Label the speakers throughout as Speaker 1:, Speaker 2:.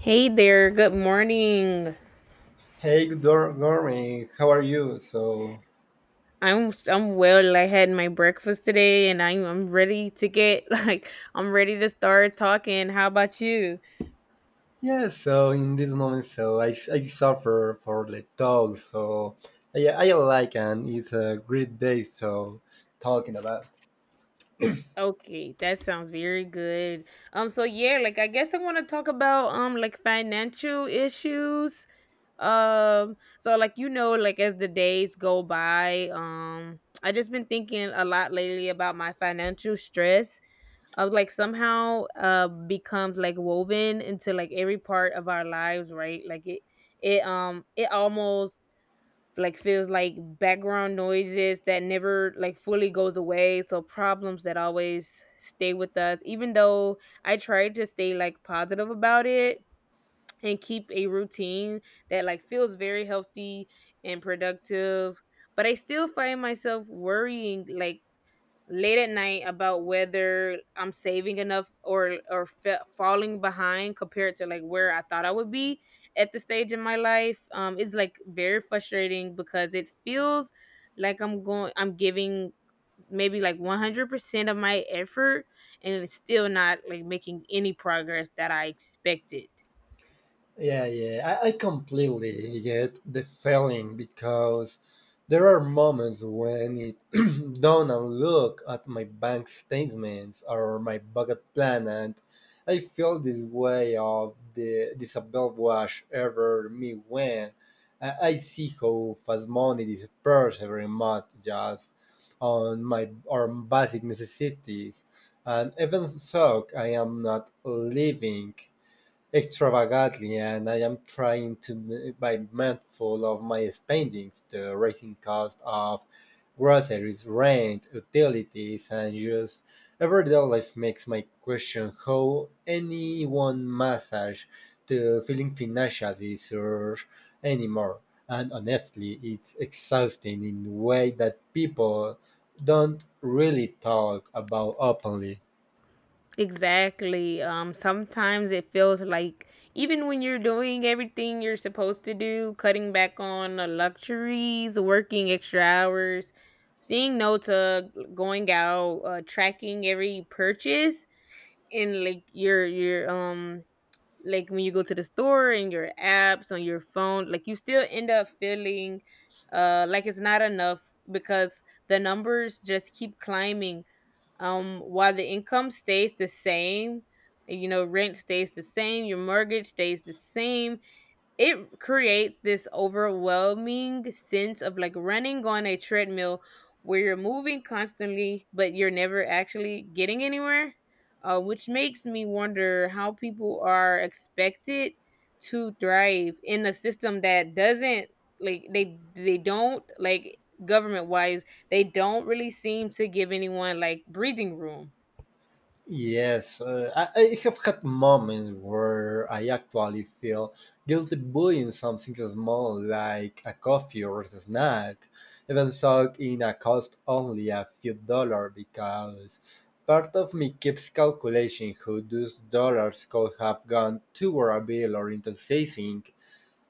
Speaker 1: Hey there, good morning.
Speaker 2: Hey, good morning. How are you? So,
Speaker 1: I'm well. I had my breakfast today and I'm ready to get I'm ready to start talking. How about you?
Speaker 2: yeah, so in this moment, I suffer for the talk. I like and it's a great day. So, talking about.
Speaker 1: Okay, that sounds very good. So yeah, I guess I want to talk about like financial issues. As the days go by, I just been thinking a lot lately about my financial stress. I was like somehow becomes like woven into like every part of our lives, right? It almost like feels like background noises that never like fully goes away. So problems that always stay with us. Even though I tried to stay like positive about it and keep a routine that like feels very healthy and productive. But I still find myself worrying like late at night about whether I'm saving enough or falling behind compared to like where I thought I would be at the stage in my life, is like very frustrating because it feels like I'm giving maybe like 100% of my effort and it's still not like making any progress that I expected.
Speaker 2: Yeah, yeah. I completely get the feeling because there are moments when it down and look at my bank statements or my bucket plan and I feel this way of the disable wash ever me when I see how fast money disappears every month just on my or basic necessities, and even so, I am not living extravagantly and I am trying to be mindful of my spendings, the rising cost of groceries, rent, utilities, and just everyday life makes me question how anyone massage the feeling financially surge anymore. And honestly, it's exhausting in a way that people don't really talk about openly.
Speaker 1: Exactly. Sometimes it feels like even when you're doing everything you're supposed to do, cutting back on the luxuries, working extra hours, saying no to going out, tracking every purchase, and like when you go to the store and your apps on your phone, like you still end up feeling like it's not enough because the numbers just keep climbing, while the income stays the same, you know, rent stays the same, your mortgage stays the same. It creates this overwhelming sense of like running on a treadmill where you're moving constantly but you're never actually getting anywhere, which makes me wonder how people are expected to thrive in a system that doesn't, like they don't like government wise, they don't really seem to give anyone like breathing room.
Speaker 2: Yes, I have had moments where I actually feel guilty buying something small like a coffee or a snack, even though in a cost only a few dollars because part of me keeps calculating how those dollars could have gone toward a bill or into saving.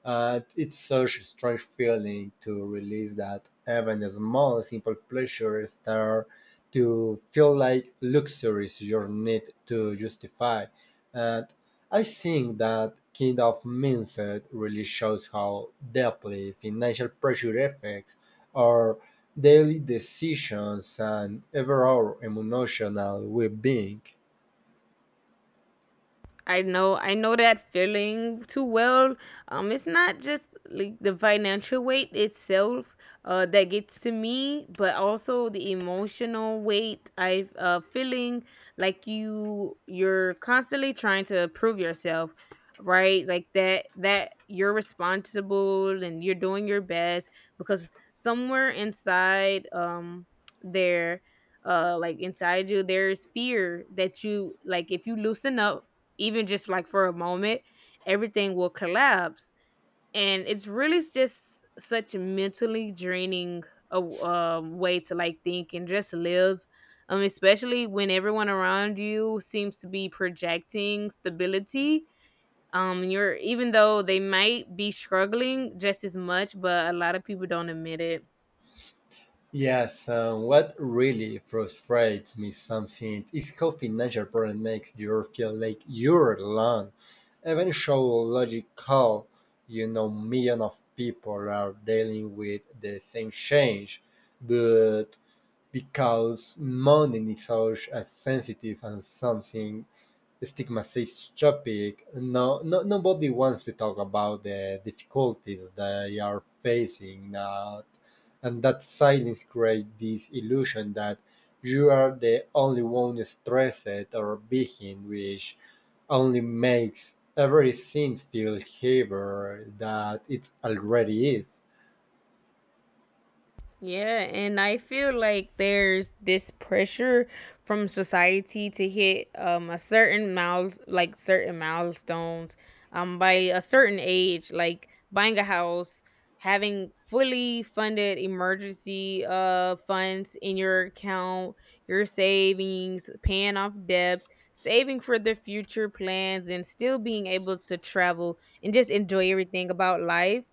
Speaker 2: It's such a strange feeling to realize that even a small, simple pleasures start to feel like luxuries you need to justify. And I think that kind of mindset really shows how deeply financial pressure affects our daily decisions and overall emotional well-being.
Speaker 1: I know that feeling too well. It's not just like the financial weight itself, that gets to me, but also the emotional weight. I feeling like you're constantly trying to prove yourself, right? Like that you're responsible and you're doing your best because somewhere inside, there, like inside you, there's fear that you like if you loosen up even just like for a moment, everything will collapse. And it's really just such mentally draining a way to like think and just live. Especially when everyone around you seems to be projecting stability. You're even though they might be struggling just as much, but a lot of people don't admit it.
Speaker 2: Yes, and what really frustrates me something is how financial problem makes you feel like you're alone. Even so logical, you know, millions of people are dealing with the same change, but because money is such a sensitive and something stigmatized topic. No, no, Nobody wants to talk about the difficulties they are facing now, and that silence creates this illusion that you are the only one stressed or being, which only makes everything feel heavier that it already is.
Speaker 1: Yeah, and I feel like there's this pressure from society to hit a certain miles like certain milestones by a certain age, like buying a house, having fully funded emergency funds in your account, your savings, paying off debt, saving for the future plans, and still being able to travel and just enjoy everything about life.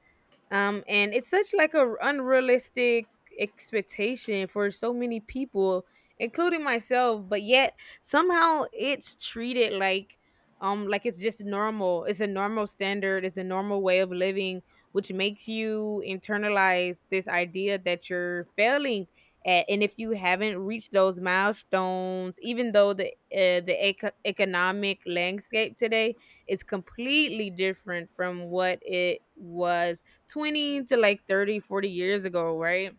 Speaker 1: And it's such like a unrealistic expectation for so many people including myself, but yet somehow it's treated like it's just normal. It's a normal standard. It's a normal way of living, which makes you internalize this idea that you're failing at, and if you haven't reached those milestones even though the economic landscape today is completely different from what it was 20 to like 30, 40 years ago, right?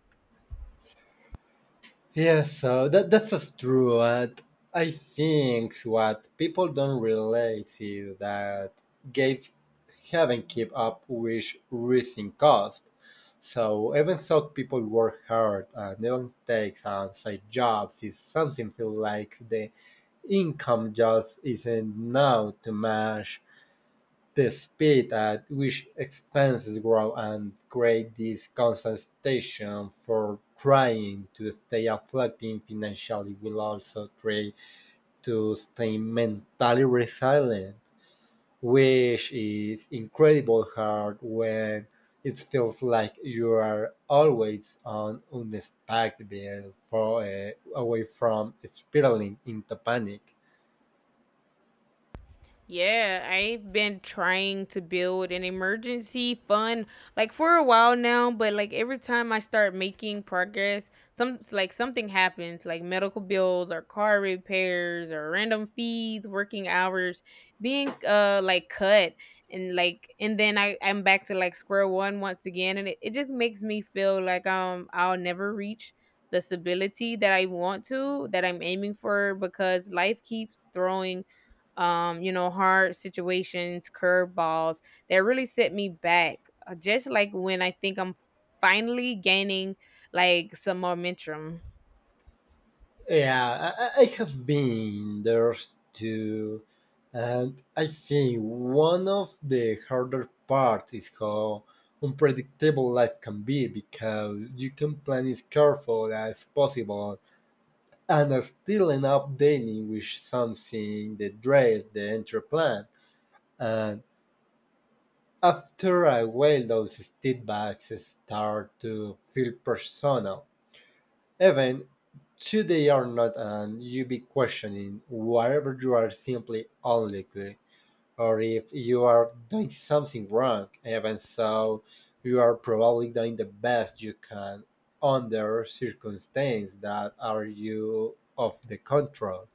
Speaker 2: Yeah, so that's just true. And I think what people don't realize is that Gates haven't kept up with rising costs. So even though people work hard and even takes on side jobs, is something feel like the income just isn't now to match the speed at which expenses grow and create this dissatisfaction for trying to stay afloat financially will also try to stay mentally resilient, which is incredibly hard when it feels like you are always on unexpected bill for, away from spiraling into panic.
Speaker 1: Yeah, I've been trying to build an emergency fund like for a while now, but like every time I start making progress, some like something happens, like medical bills or car repairs or random fees, working hours being like cut, and then I'm back to like square one once again. And it just makes me feel like, I'll never reach the stability that I want to that I'm aiming for because life keeps throwing, you know, hard situations, curveballs that really set me back. Just like when I think I'm finally gaining like some momentum.
Speaker 2: Yeah, I have been there too, and I think one of the harder parts is how unpredictable life can be because you can plan as careful as possible and I still end up dealing with something the dress, the entry plan, and after a while, those setbacks start to feel personal. Even today are not and you be questioning whether you are simply unlucky or if you are doing something wrong. Even so, you are probably doing the best you can under circumstances that are you of the control.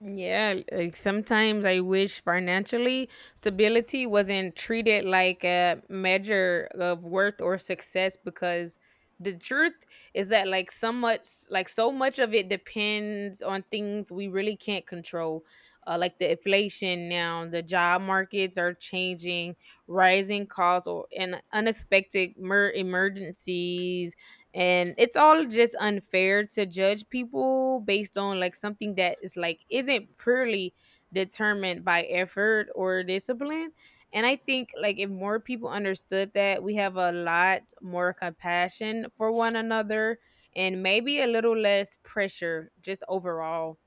Speaker 1: Yeah, like sometimes I wish financially stability wasn't treated like a measure of worth or success because the truth is that so much of it depends on things we really can't control. Like the inflation now, the job markets are changing, rising costs or and unexpected emergencies, and it's all just unfair to judge people based on like something that is like isn't purely determined by effort or discipline. And I think like if more people understood that, we have a lot more compassion for one another, and maybe a little less pressure just overall.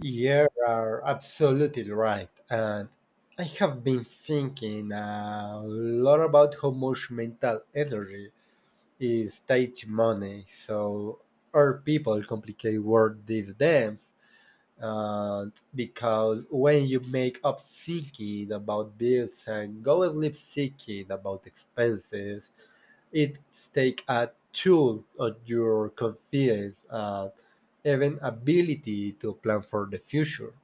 Speaker 2: You are absolutely right, and I have been thinking a lot about how much mental energy is stage money. So our people complicate word these dams and because when you make up thinking about bills and go sleep thinking about expenses, it take a toll on your confidence and even ability to plan for the future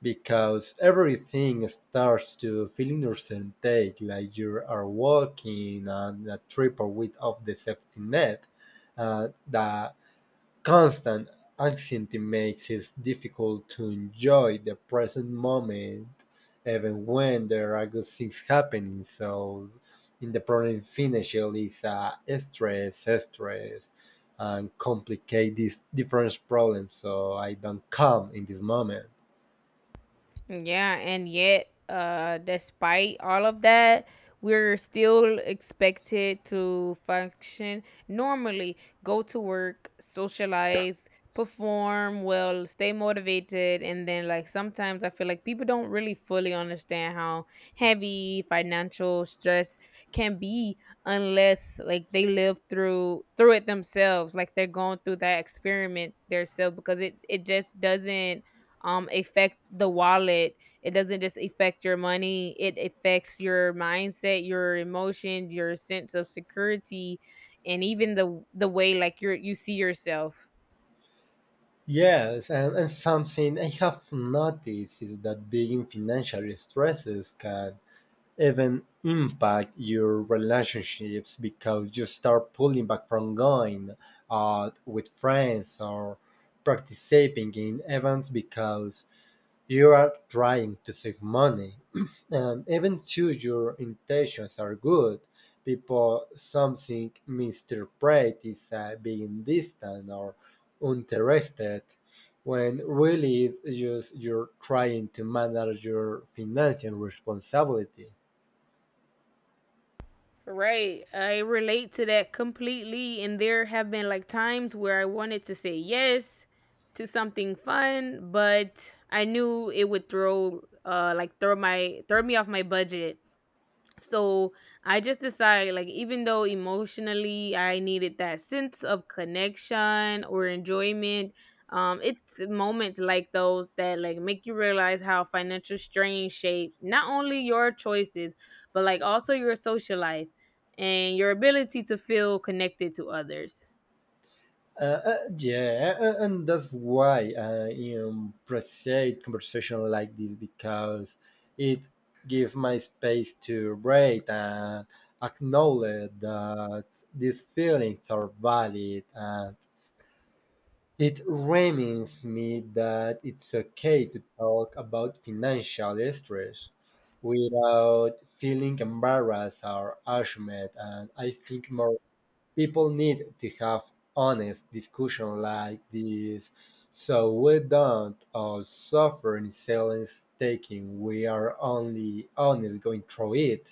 Speaker 2: because everything starts to feel inauthentic, like you are walking on a trip or without the safety net. The constant anxiety makes it difficult to enjoy the present moment, even when there are good things happening. So, in the problem financial is stress, stress, and complicate these different problems. So I don't come in this moment.
Speaker 1: Yeah, and yet, despite all of that, we're still expected to function normally, go to work, socialize, perform well, stay motivated. And then, like, sometimes I feel like people don't really fully understand how heavy financial stress can be unless, like, they live through it themselves. Like, they're going through that experiment themselves because it just doesn't affect the wallet. It doesn't just affect your money. It affects your mindset, your emotion, your sense of security, and even the way like you see yourself.
Speaker 2: Yes, and something I have noticed is that being financially stresses can even impact your relationships because you start pulling back from going out with friends or participating in events because you are trying to save money. And even though your intentions are good, people something misinterpret is being distant or uninterested when really it's just you're trying to manage your financial responsibility.
Speaker 1: Right, I relate to that completely. And there have been like times where I wanted to say yes to something fun, but I knew it would throw, like throw my throw me off my budget. So I just decided like, even though emotionally I needed that sense of connection or enjoyment, it's moments like those that like make you realize how financial strain shapes not only your choices, but like also your social life and your ability to feel connected to others.
Speaker 2: And that's why I appreciate conversation like this because it gives my space to breathe and acknowledge that these feelings are valid, and it reminds me that it's okay to talk about financial stress without feeling embarrassed or ashamed. And I think more people need to have honest discussion like this so we don't all suffer in silence taking we are only honest going through it.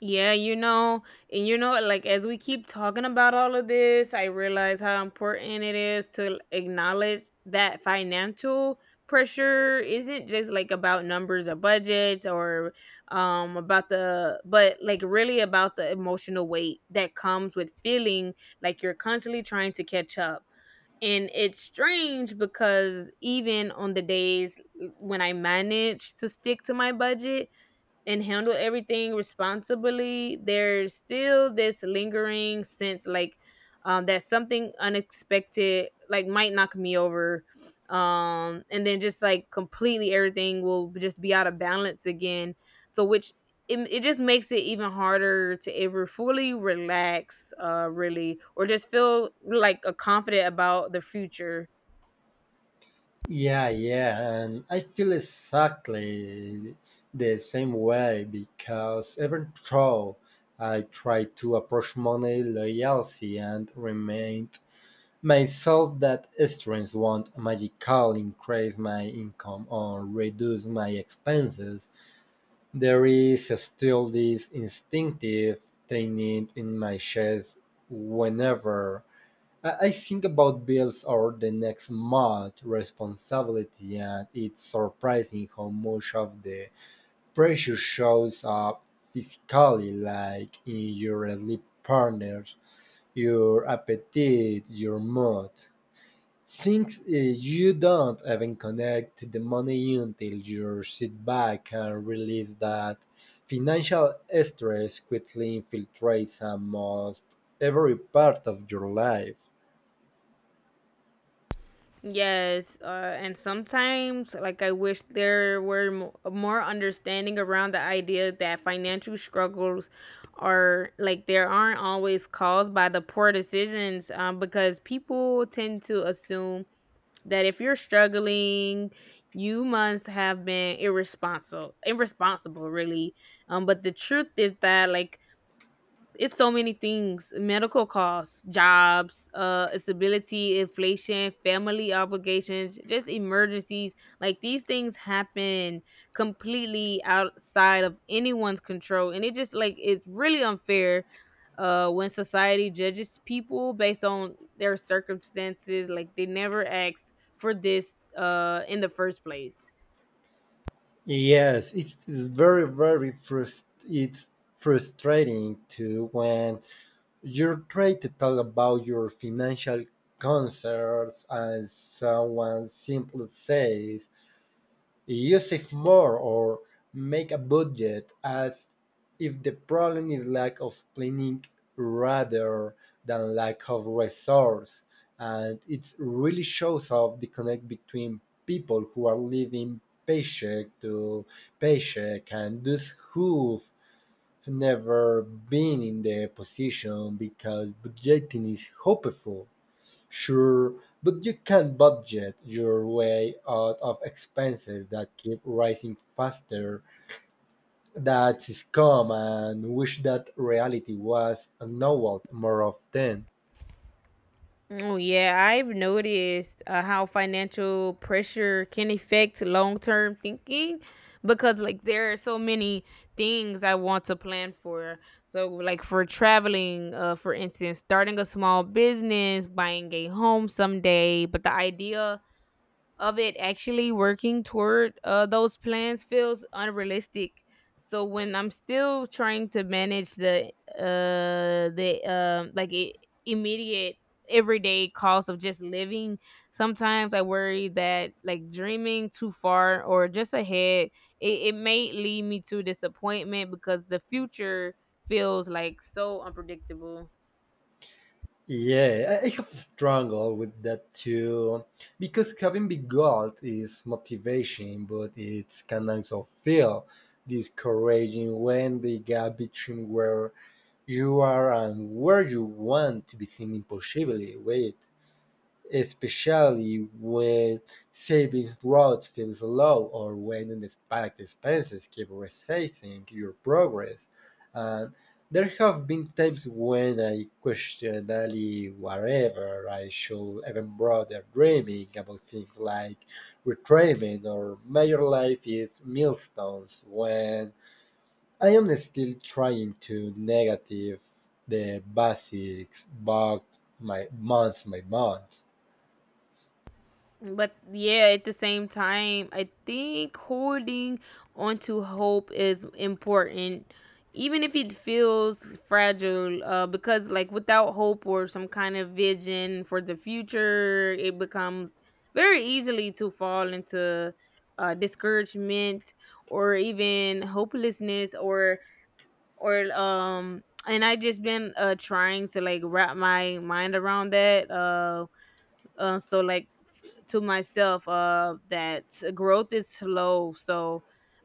Speaker 1: Yeah, like as we keep talking about all of this, I realize how important it is to acknowledge that financial pressure isn't just like about numbers or budgets, or about the but like really about the emotional weight that comes with feeling like you're constantly trying to catch up. And it's strange because even on the days when I manage to stick to my budget and handle everything responsibly, there's still this lingering sense like, that something unexpected like might knock me over, and then just like completely everything will just be out of balance again. So which it just makes it even harder to ever fully relax, really, or just feel like a confident about the future.
Speaker 2: Yeah, yeah, and I feel exactly the same way because even though I try to approach money loyalty and remind myself that strength won't magically increase my income or reduce my expenses, there is still this instinctive tightening in my chest whenever I think about bills or the next month' responsibility, and it's surprising how much of the pressure shows up physically, like in your sleep partners, your appetite, your mood. Since you don't even connect the money until you sit back and realize that financial stress quickly infiltrates almost every part of your life.
Speaker 1: Yes, and sometimes, like, I wish there were more understanding around the idea that financial struggles are, there aren't always caused by the poor decisions, because people tend to assume that if you're struggling, you must have been irresponsible, really. But the truth is that, like, it's so many things: medical costs, jobs, stability, inflation, family obligations, just emergencies. Like these things happen completely outside of anyone's control, and it just like it's really unfair when society judges people based on their circumstances like they never asked for this, in the first place.
Speaker 2: Yes, it's very, very, it's frustrating too when you try to talk about your financial concerns and someone simply says, You save more or make a budget as if the problem is lack of planning rather than lack of resource. And it really shows off the connect between people who are living paycheck to paycheck and those who've never been in their position because budgeting is hopeful. Sure, but you can't budget your way out of expenses that keep rising faster. That's common. Wish that reality was unknowable more often.
Speaker 1: Oh yeah, I've noticed how financial pressure can affect long-term thinking because like there are so many things I want to plan for. So like for traveling, for instance, starting a small business, buying a home someday, but the idea of it actually working toward those plans feels unrealistic. So when I'm still trying to manage the like I immediate everyday cost of just living, sometimes I worry that like dreaming too far or just ahead, it may lead me to disappointment because the future feels like so unpredictable.
Speaker 2: Yeah, I have struggled with that too, because having big goals is motivation, but it can also feel discouraging when the gap between where you are and where you want to be seen impossibly wide. Especially when savings rate feels low or when unexpected expenses keep resetting your progress. And there have been times when I questioned only whatever I should even bother dreaming about things like retirement or major life is milestones when I am still trying to negative the basics but my month by month.
Speaker 1: But yeah, at the same time, I think holding onto hope is important, even if it feels fragile. Because like without hope or some kind of vision for the future, it becomes very easily to fall into, discouragement or even hopelessness, or or. And I just been trying to like wrap my mind around that, so like to myself that growth is slow, so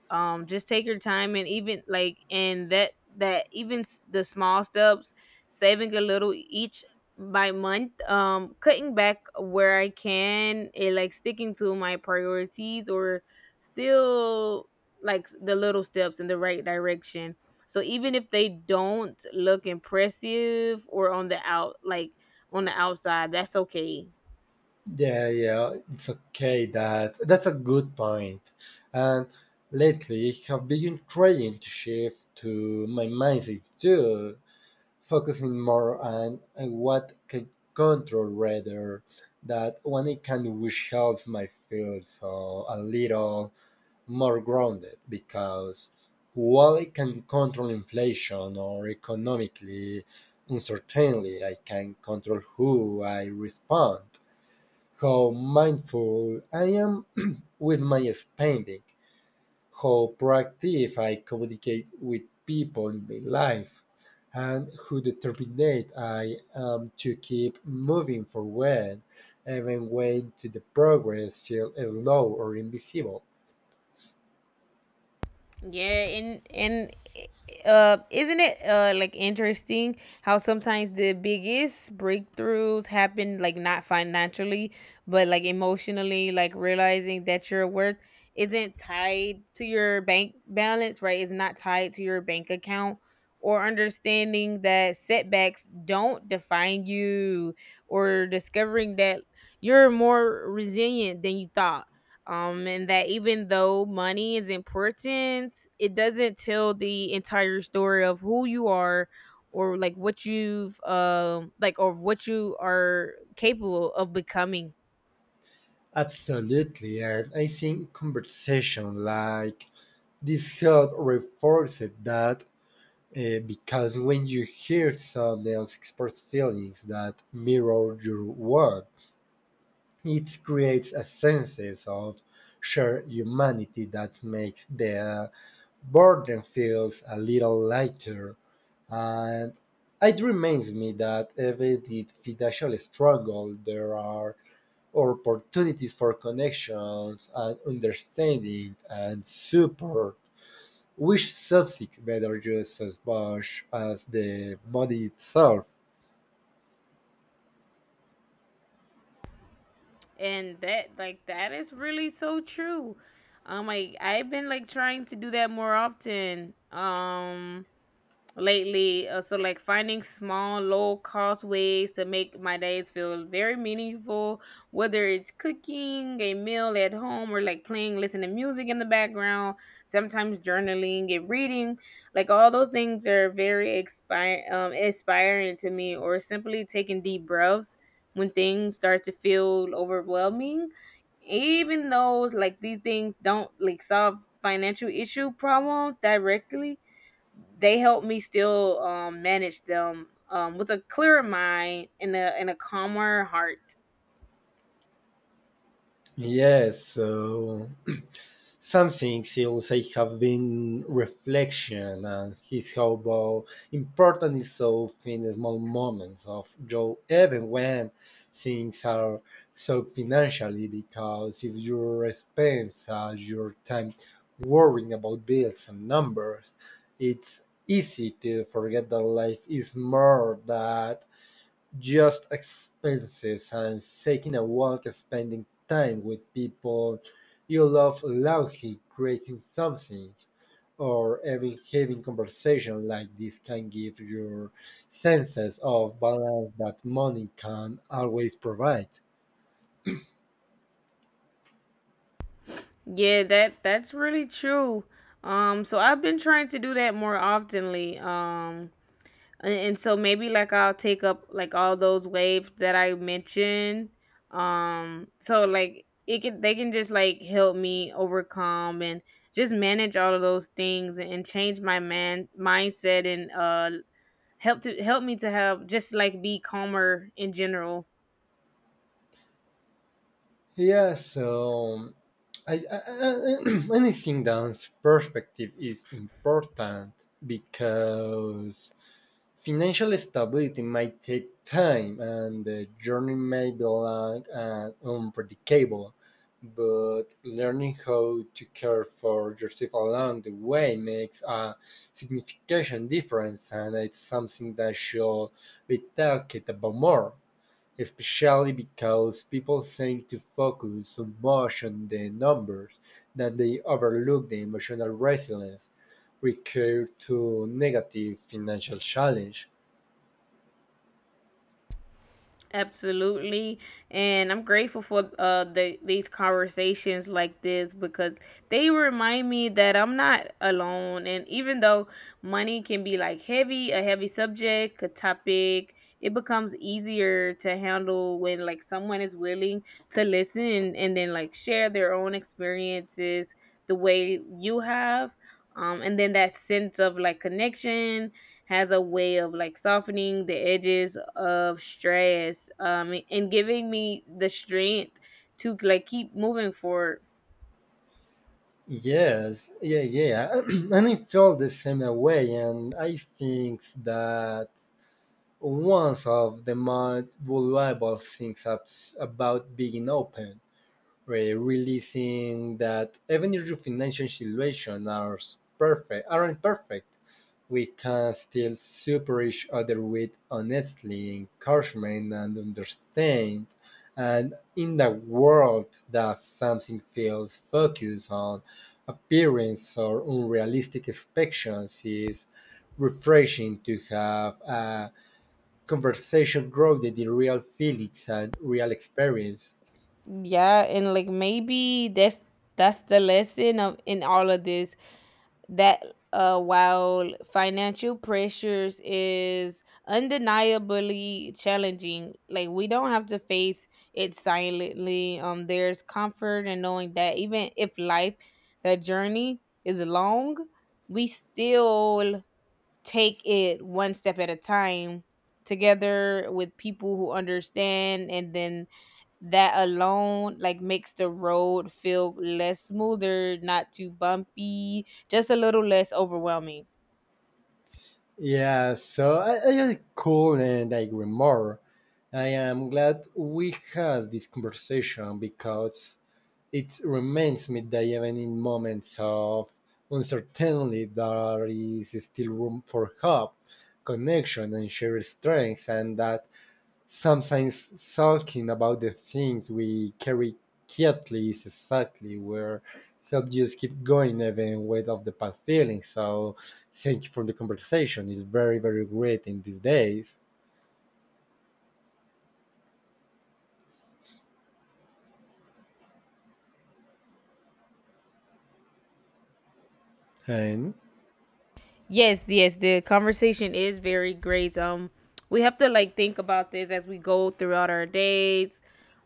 Speaker 1: just take your time. And even like and that that even the small steps, saving a little each by month, cutting back where I can, and like sticking to my priorities, or still like the little steps in the right direction. So even if they don't look impressive or on the out like on the outside, that's okay.
Speaker 2: Yeah, yeah, it's okay that that's a good point. And lately I've been trying to shift to my mindset too, focusing more on what can control rather that when I can wish out my field so a little more grounded because while I can control inflation or economically uncertainly I can control who I respond, how mindful I am with my spending, how proactive I communicate with people in my life, and how determined I am to keep moving forward, even when to the progress feels slow or invisible.
Speaker 1: Yeah, and isn't it like interesting how sometimes the biggest breakthroughs happen like not financially, but like emotionally, like realizing that your worth isn't tied to your bank balance, right? It's not tied to your bank account. Or understanding that setbacks don't define you, or discovering that you're more resilient than you thought, and that even though money is important, it doesn't tell the entire story of who you are or like what you've or what you are capable of becoming.
Speaker 2: Absolutely, and I think conversation like this help reinforce that. Because when you hear someone else express feelings that mirror your own, it creates a sense of shared humanity that makes the burden feels a little lighter. And it reminds me that even in financial struggle, there are opportunities for connections and understanding and support. Which subjects better, just as much as the body itself?
Speaker 1: And that like that is really so true. Like I've been like trying to do that more often, lately. So like finding small, low cost ways to make my days feel very meaningful, whether it's cooking a meal at home or like playing, listening to music in the background, sometimes journaling and reading. Like all those things are very expire inspiring to me, or simply taking deep breaths when things start to feel overwhelming. Even though like these things don't like solve financial issue problems directly, they help me still manage them, with a clearer mind and a calmer heart.
Speaker 2: Yes, so some things he'll say have been reflection and his how about important is so in the small moments of joy, even when things are so financially, because if you spend your time worrying about bills and numbers, it's easy to forget that life is more than just expenses, and taking a walk, spending time with people you love, loudly creating something, or even having conversation like this can give your senses of balance that money can always provide.
Speaker 1: Yeah, that's really true. So I've been trying to do that more oftenly. And so maybe like I'll take up like all those waves that I mentioned. So like it can they can just like help me overcome and just manage all of those things and change my man mindset and help me to have just like be calmer in general.
Speaker 2: Yeah, so anything dance perspective is important because financial stability might take time and the journey may be long and unpredictable, but learning how to care for yourself along the way makes a significant difference and it's something that should be talked about more, especially because people seem to focus so much on the numbers that they overlook the emotional resilience required to negative financial challenge.
Speaker 1: Absolutely, and I'm grateful for these conversations like this, because they remind me that I'm not alone. And even though money can be like heavy a heavy subject, a topic, it becomes easier to handle when like someone is willing to listen and then like share their own experiences the way you have. And then that sense of like connection has a way of like softening the edges of stress, and giving me the strength to like keep moving forward.
Speaker 2: Yes, yeah, yeah. And I felt the same way, and I think that one of the most valuable things about being open, realizing that even if your financial situation aren't perfect, we can still support each other with honesty, encouragement, and understand. And in the world that something feels focused on appearance or unrealistic expectations is refreshing to have a conversation grounded in real feelings and real experience.
Speaker 1: Yeah, and like maybe that's the lesson of in all of this, that while financial pressures is undeniably challenging, like we don't have to face it silently. There's comfort in knowing that even if life, the journey is long, we still take it one step at a time, together with people who understand. And then that alone like makes the road feel less smoother, not too bumpy, just a little less overwhelming.
Speaker 2: Yeah, so I am cool and I agree more. I am glad we had this conversation because it reminds me that even in moments of uncertainty, there is still room for hope, connection, and shared strength, and that sometimes talking about the things we carry quietly is exactly where help just keep going even with of the past feelings. So thank you for the conversation. It's very, very great in these days. And
Speaker 1: Yes, yes, the conversation is very great. We have to like think about this as we go throughout our days.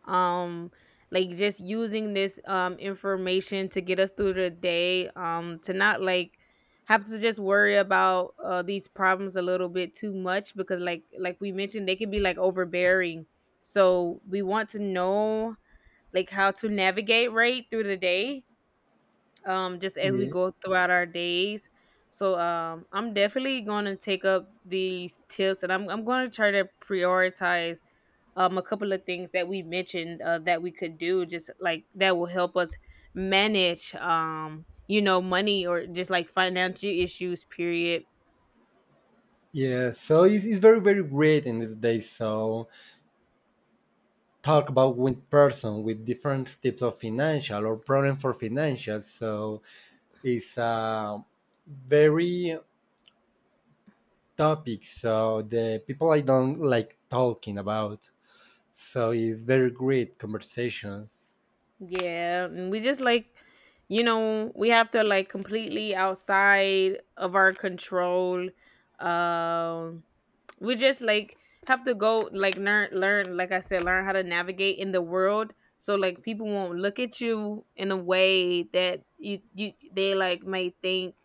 Speaker 1: Um, like just using this information to get us through the day. To not like have to just worry about these problems a little bit too much, because like we mentioned, they can be like overbearing. So we want to know like how to navigate right through the day, just as we
Speaker 2: yeah,
Speaker 1: go throughout our days. So I'm definitely going to take up these tips, and I'm going to try to prioritize a couple of things that we mentioned, that we could do just like that will help us manage, you know, money or just like financial issues, period.
Speaker 2: yeah. So it's very, very great in these days. So talk about with person with different types of financial or problem for financial. So it's a very topics so the people I don't like talking about, so it's very great conversations.
Speaker 1: Yeah, and we just like, you know, we have to like completely outside of our control. um we just like have to go like learn like I said, learn how to navigate in the world, so like people won't look at you in a way that you they like may think,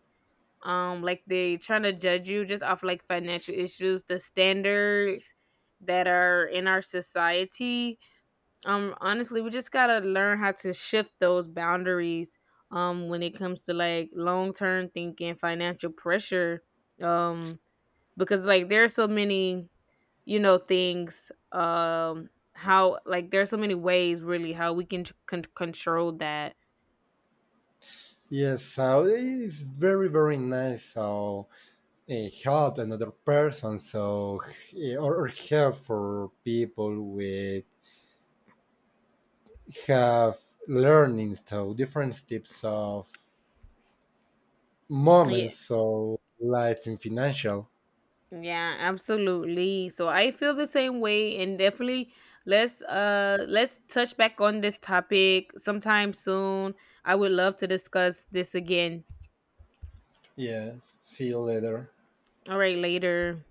Speaker 1: like they trying to judge you just off like financial issues, the standards that are in our society. Honestly, we just gotta learn how to shift those boundaries when it comes to like long-term thinking, financial pressure, um because like there are so many, you know, things. How like there's so many ways really how we can, control that.
Speaker 2: Yes, so it's very, very nice. So help another person. So or help for people with have learning, so different types of
Speaker 1: yeah
Speaker 2: moments, so life and financial.
Speaker 1: yeah, absolutely, so I feel the same way. And definitely, let's touch back on this topic sometime soon. I would love to discuss this again.
Speaker 2: Yes, see you later.
Speaker 1: All right, later.